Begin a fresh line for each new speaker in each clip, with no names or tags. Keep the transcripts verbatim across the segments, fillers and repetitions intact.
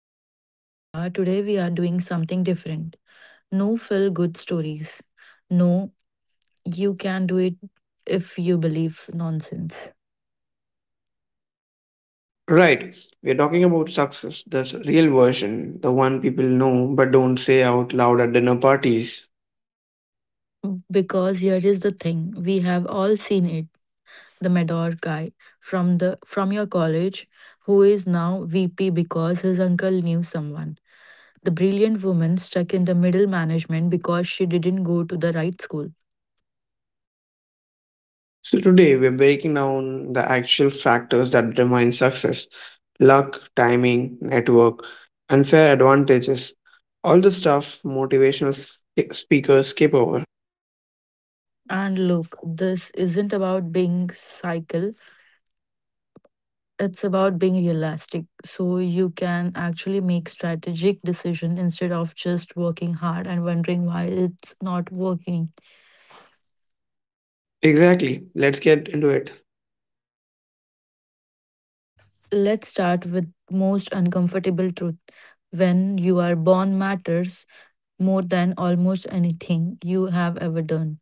And I'm Ruchita. Today we are doing something different. No feel good stories. No, you can do it if you believe nonsense.
Right, we're talking about success, this real version, the one people know but don't say out loud at dinner parties.
Because here is the thing, we have all seen it. The Medor guy from the from your college who is now V P because his uncle knew someone. The brilliant woman stuck in the middle management because she didn't go to the right school.
So today we're breaking down the actual factors that determine success: luck, timing, network, unfair advantages, all the stuff motivational sp- speakers skip over.
And look, this isn't about being cycle, it's about being realistic so you can actually make strategic decision instead of just working hard and wondering why it's not working.
Exactly, let's get into it.
Let's start with most uncomfortable truth. When you are born matters more than almost anything you have ever done.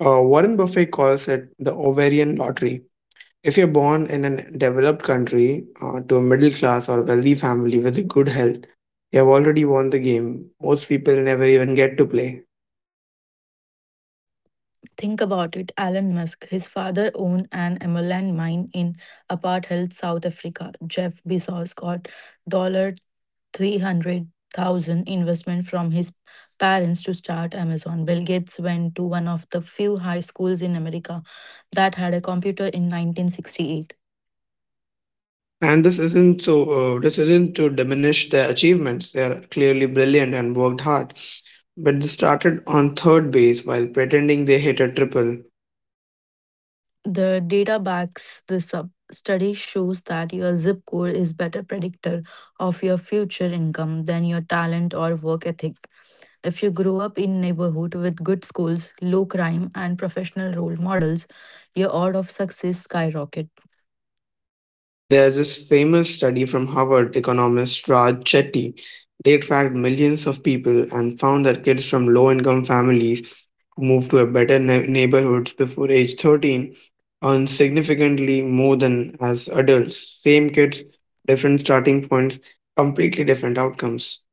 Uh, Warren Buffett calls it the ovarian lottery. If you're born in a developed country uh, to a middle class or wealthy family with a good health, you have already won the game. Most people never even get to play.
Think about it. Elon Musk, his father owned an emerald mine in apartheid South Africa. Jeff Bezos got three hundred thousand investment from his parents to start Amazon. Bill Gates went to one of the few high schools in America that had a computer in nineteen sixty-eight.
And this isn't so. Uh, this isn't to diminish their achievements. They are clearly brilliant and worked hard. But they started on third base while pretending they hit a triple.
The data backs this up. Study shows that your zip code is better predictor of your future income than your talent or work ethic. If you grow up in neighborhood with good schools, low crime and professional role models, your odds of success skyrocket.
There's this famous study from Harvard economist Raj Chetty. They tracked millions of people and found that kids from low income families who moved to a better ne- neighborhoods before age thirteen earn significantly more than as adults. Same kids, different starting points, completely different outcomes.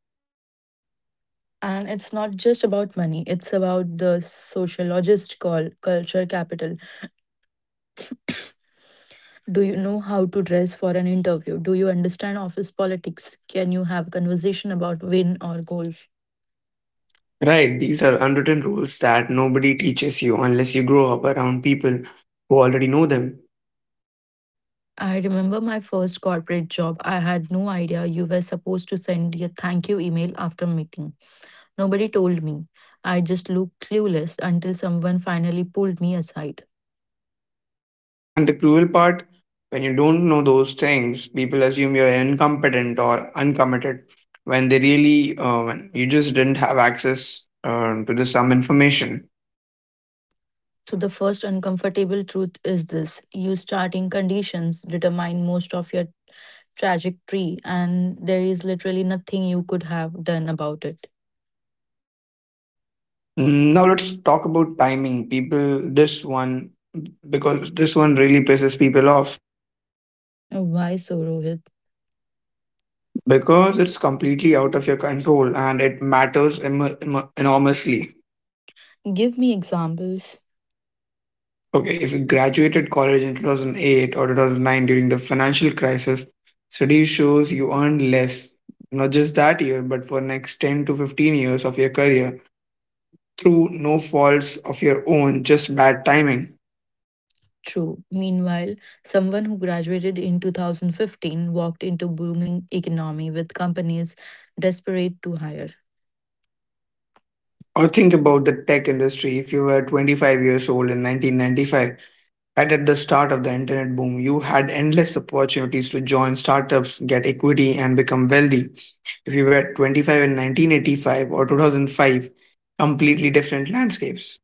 And it's not just about money, it's about the sociologist call culture capital. Do you know how to dress for an interview? Do you understand office politics? Can you have a conversation about win or golf?
Right, these are unwritten rules that nobody teaches you unless you grow up around people who already know them.
I remember my first corporate job. I had no idea you were supposed to send a thank you email after meeting. Nobody told me. I just looked clueless until someone finally pulled me aside.
And the cruel part, when you don't know those things, people assume you're incompetent or uncommitted when they really, uh, when you just didn't have access uh, to the some information.
So, the first uncomfortable truth is this: your starting conditions determine most of your trajectory, and there is literally nothing you could have done about it.
Now let's talk about timing. People, this one, because this one really pisses people off
Why so, Rohit?
because it's completely out of your control and it matters em- em- enormously.
Give me examples.
Okay, if you graduated college in two thousand eight or two thousand nine during the financial crisis, study shows you earned less, not just that year, but for next ten to fifteen years of your career through no faults of your own, just bad timing.
True. Meanwhile, someone who graduated in two thousand fifteen walked into booming economy with companies desperate to hire.
Or think about the tech industry. If you were twenty-five years old in nineteen ninety-five, right at the start of the internet boom, you had endless opportunities to join startups, get equity, and become wealthy. If you were twenty-five in nineteen eighty-five or two thousand five, completely different landscapes.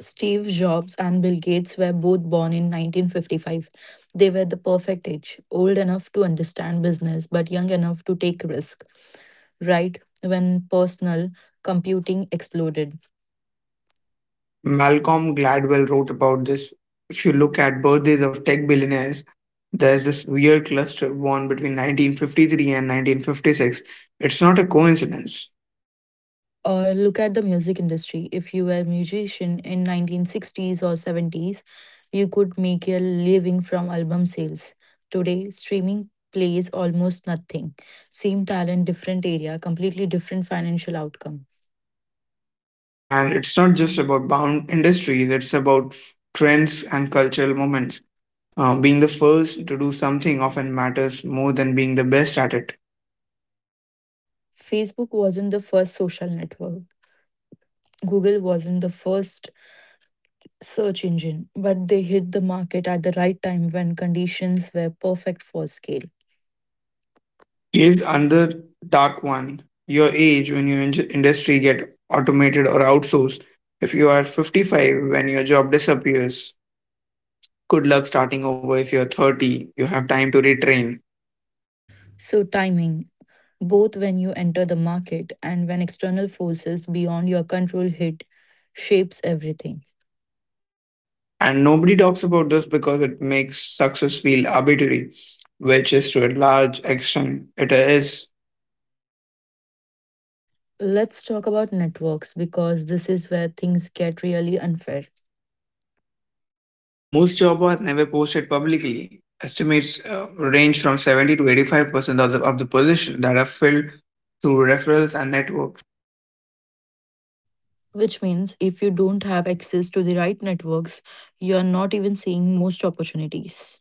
Steve Jobs and Bill Gates were both born in nineteen fifty-five. They were the perfect age, old enough to understand business but young enough to take risk, right when personal computing exploded.
Malcolm Gladwell wrote about this. If you look at birthdays of tech billionaires, there's this weird cluster born between nineteen fifty-three and nineteen fifty-six. It's not a coincidence.
Or look at the music industry. If you were a musician in nineteen sixties or seventies, you could make a living from album sales. Today, streaming plays almost nothing. Same talent, different area, completely different financial outcome.
And it's not just about bound industries, it's about f- trends and cultural moments. Uh, being the first to do something often matters more than being the best at it.
Facebook wasn't the first social network. Google wasn't the first search engine, but they hit the market at the right time when conditions were perfect for scale.
Is Here's another dark one. Your age when your in- industry get automated or outsourced. If you are fifty-five when your job disappears, good luck starting over. If you're thirty, you have time to retrain.
So, timing, both when you enter the market and when external forces beyond your control hit, shapes everything.
And nobody talks about this because it makes success feel arbitrary, which is to a large extent it is.
Let's talk about networks because this is where things get really unfair.
Most jobs are never posted publicly. Estimates uh, range from seventy to eighty-five percent of the, of the position that are filled through referrals and network.
Which means if you don't have access to the right networks, you're not even seeing most opportunities.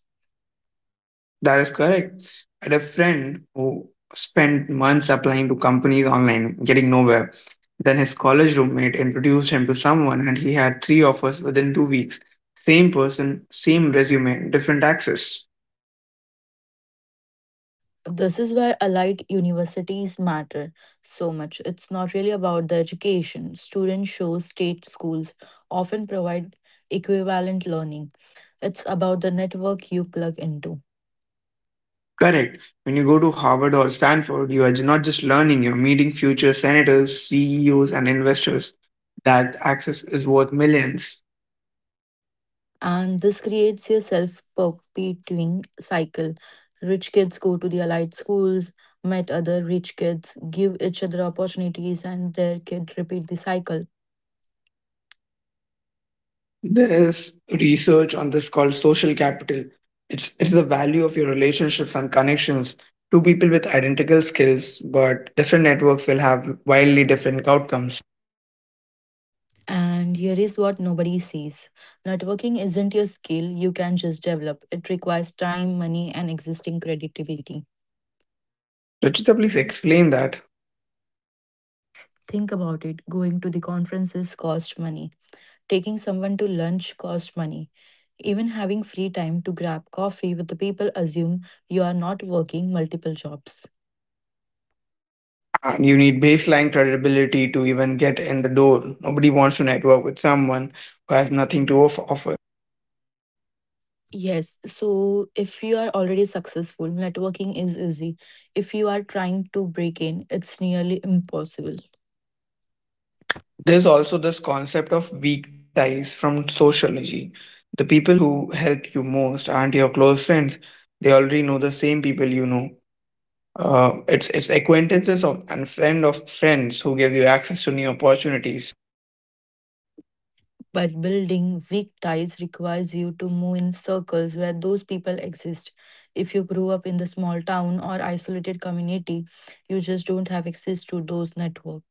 That is correct. I had a friend who spent months applying to companies online, getting nowhere. Then his college roommate introduced him to someone, and he had three offers within two weeks. Same person, same resume, different access.
This is why allied universities matter so much. It's not really about the education. Students show state schools often provide equivalent learning. It's about the network you plug into.
Correct. When you go to Harvard or Stanford, you are j- not just learning, you're meeting future senators, C E Os, and investors. That access is worth millions.
And this creates a self perpetuating cycle. Rich kids go to the allied schools, met other rich kids, give each other opportunities, and their kid repeat the cycle.
There is research on this called social capital. It's, it's the value of your relationships and connections. Two people with identical skills but different networks will have wildly different outcomes.
And here is what nobody sees: networking isn't a skill you can just develop, it requires time, money, and existing credibility.
Rachita, please explain that.
Think about it. Going to the conferences cost money, taking someone to lunch cost money. Even having free time to grab coffee with the people assume you are not working multiple jobs.
And you need baseline credibility to even get in the door. Nobody wants to network with someone who has nothing to off- offer.
Yes, so if you are already successful, networking is easy. If you are trying to break in, it's nearly impossible.
There's also this concept of weak ties from sociology. The people who help you most aren't your close friends. They already know the same people you know. Uh, it's it's acquaintances of and friend of friends who give you access to new opportunities.
But building weak ties requires you to move in circles where those people exist. If you grew up in the small town or isolated community, you just don't have access to those network.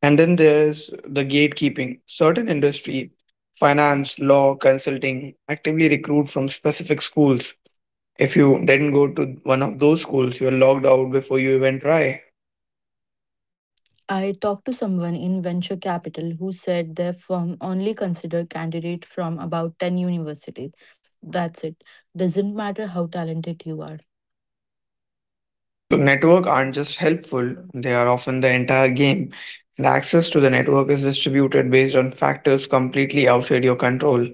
And then there's the gatekeeping. Certain industry, finance, law, consulting, actively recruit from specific schools. If you didn't go to one of those schools, you're logged out before you even try.
I talked to someone in venture capital who said their firm only consider candidate from about ten universities. That's it. Doesn't matter how talented you are.
So network aren't just helpful, they are often the entire game. And access to the network is distributed based on factors completely outside your control.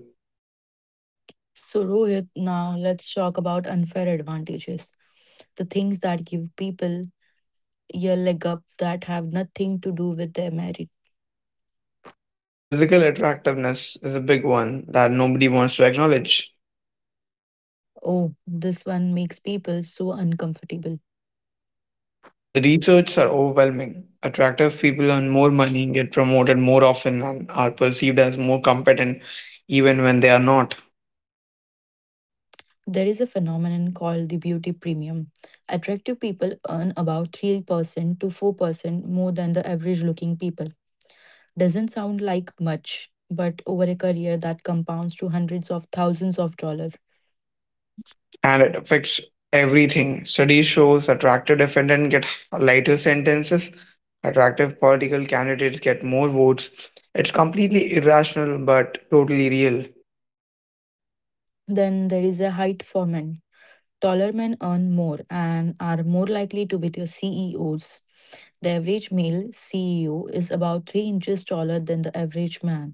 So Rohit, now let's talk about unfair advantages. The things that give people your leg up that have nothing to do with their merit.
Physical attractiveness is a big one that nobody wants to acknowledge.
Oh, this one makes people so uncomfortable.
But the research are overwhelming. Attractive people earn more money, get promoted more often, and are perceived as more competent even when they are not.
There is a phenomenon called the beauty premium. Attractive people earn about three percent to four percent more than the average looking people. Doesn't sound like much, but over a career that compounds to hundreds of thousands of dollars.
And it affects everything. Studies shows attractive defendants get lighter sentences, attractive political candidates get more votes. It's completely irrational but totally real.
Then there is a height for men. Taller men earn more and are more likely to be the C E Os. The average male C E O is about three inches taller than the average man.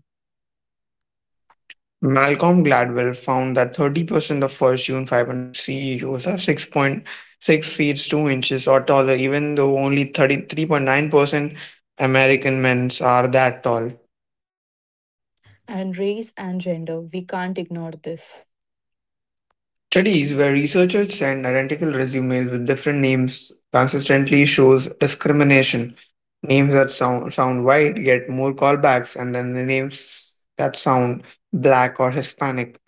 Malcolm Gladwell found that thirty percent of Fortune five hundred C E Os are six point six feet two inches or taller, even though only thirty-three point nine percent American men are that tall.
And race and gender, we can't ignore this.
Studies where researchers send identical resumes with different names consistently shows discrimination. Names that sound sound white get more callbacks and then the names that sound black or Hispanic.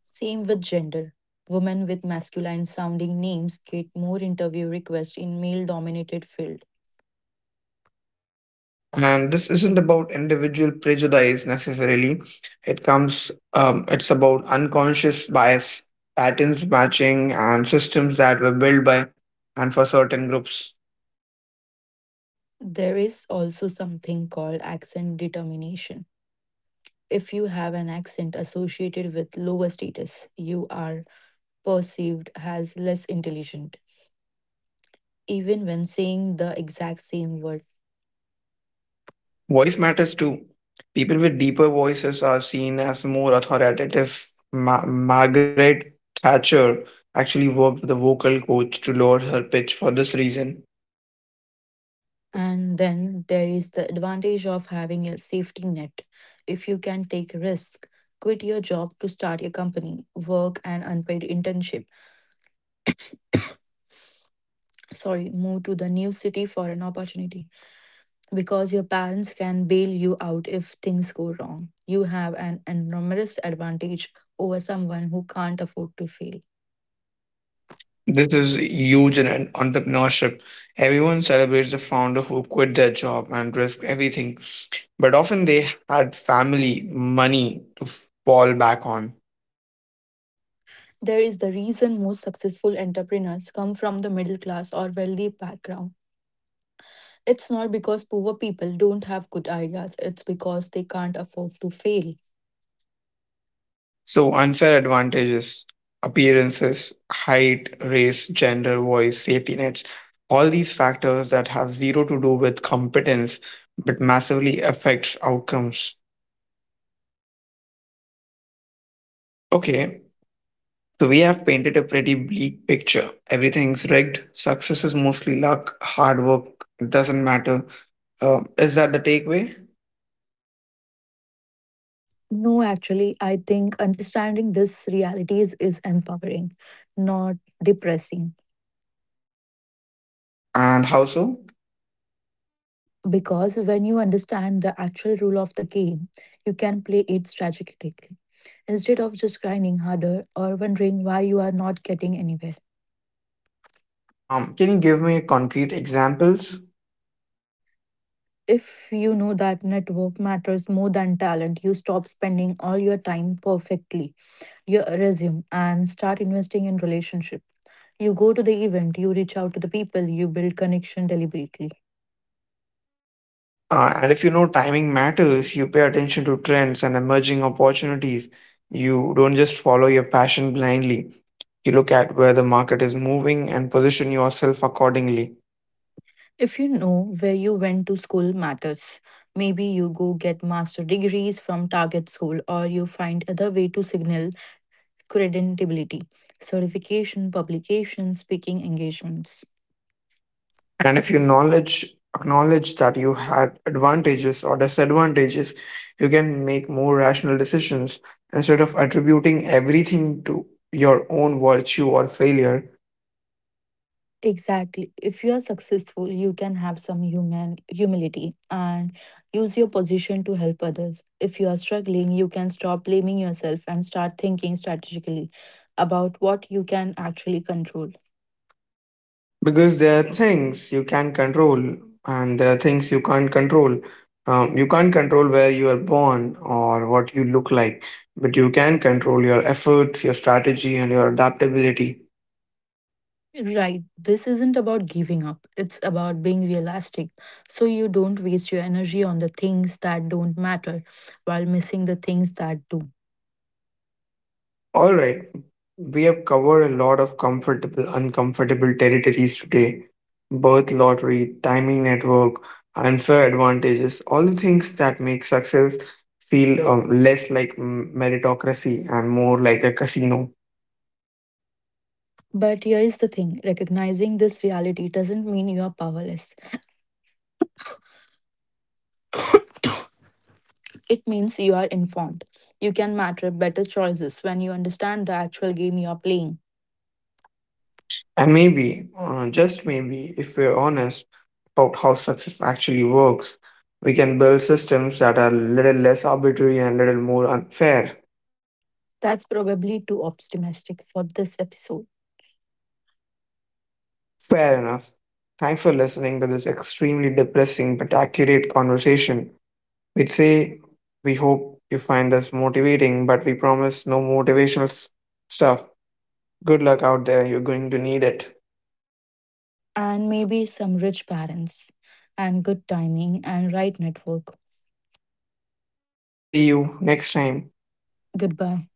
Same with gender. Women with masculine sounding names get more interview requests in male dominated field.
And this isn't about individual prejudice necessarily. It comes um, it's about unconscious bias, patterns matching and systems that were built by and for certain groups.
There is also something called accent determination. If you have an accent associated with lower status, you are perceived as less intelligent, even when saying the exact same word.
Voice matters too. People with deeper voices are seen as more authoritative. Ma- Margaret Thatcher actually worked with a vocal coach to lower her pitch for this reason.
And then there is the advantage of having a safety net. If you can take risk, quit your job to start your company, work an unpaid internship, sorry, move to the new city for an opportunity. Because your parents can bail you out if things go wrong. You have an enormous advantage over someone who can't afford to fail.
This is huge in an entrepreneurship. Everyone celebrates the founder who quit their job and risked everything, but often they had family, money to f- fall back on.
There is the reason most successful entrepreneurs come from the middle class or wealthy background. It's not because poor people don't have good ideas, it's because they can't afford to fail.
So, unfair advantages, appearances, height, race, gender, voice, safety nets, all these factors that have zero to do with competence but massively affects outcomes. Okay, so we have painted a pretty bleak picture. Everything's rigged, success is mostly luck, hard work doesn't matter. Um, is that the takeaway?
No, actually, I think understanding this realities is empowering, not depressing.
And how so?
Because when you understand the actual rule of the game, you can play it strategically instead of just grinding harder or wondering why you are not getting anywhere.
Um, can you give me concrete examples?
If you know that network matters more than talent, you stop spending all your time perfectly, your resume, and start investing in relationship. You go to the event, you reach out to the people, you build connection deliberately.
Uh, and if you know timing matters, you pay attention to trends and emerging opportunities. You don't just follow your passion blindly. You look at where the market is moving and position yourself accordingly.
If you know where you went to school matters. Maybe you go get master degrees from target school or you find other way to signal credibility, certification, publication, speaking engagements.
And if you knowledge acknowledge that you had advantages or disadvantages, you can make more rational decisions instead of attributing everything to your own virtue or failure.
Exactly. If you are successful, you can have some human humility and use your position to help others. If you are struggling, you can stop blaming yourself and start thinking strategically about what you can actually control.
Because there are things you can control and there are things you can't control. Um, you can't control where you are born or what you look like, but you can control your efforts, your strategy, and your adaptability.
Right. This isn't about giving up. It's about being realistic. So you don't waste your energy on the things that don't matter while missing the things that do.
All right, we have covered a lot of comfortable, uncomfortable territories today: birth lottery, timing network, unfair advantages, all the things that make success feel um, less like mm, meritocracy and more like a casino.
But here is the thing, recognizing this reality doesn't mean you are powerless. It means you are informed. You can matter better choices when you understand the actual game you are playing.
And maybe, uh, just maybe, if we're honest about how success actually works, we can build systems that are a little less arbitrary and a little more unfair.
That's probably too optimistic for this episode.
Fair enough. Thanks for listening to this extremely depressing but accurate conversation. We'd say we hope you find this motivating, but we promise no motivational s- stuff. Good luck out there, you're going to need it.
And maybe some rich parents and good timing and right network.
See you next time.
Goodbye.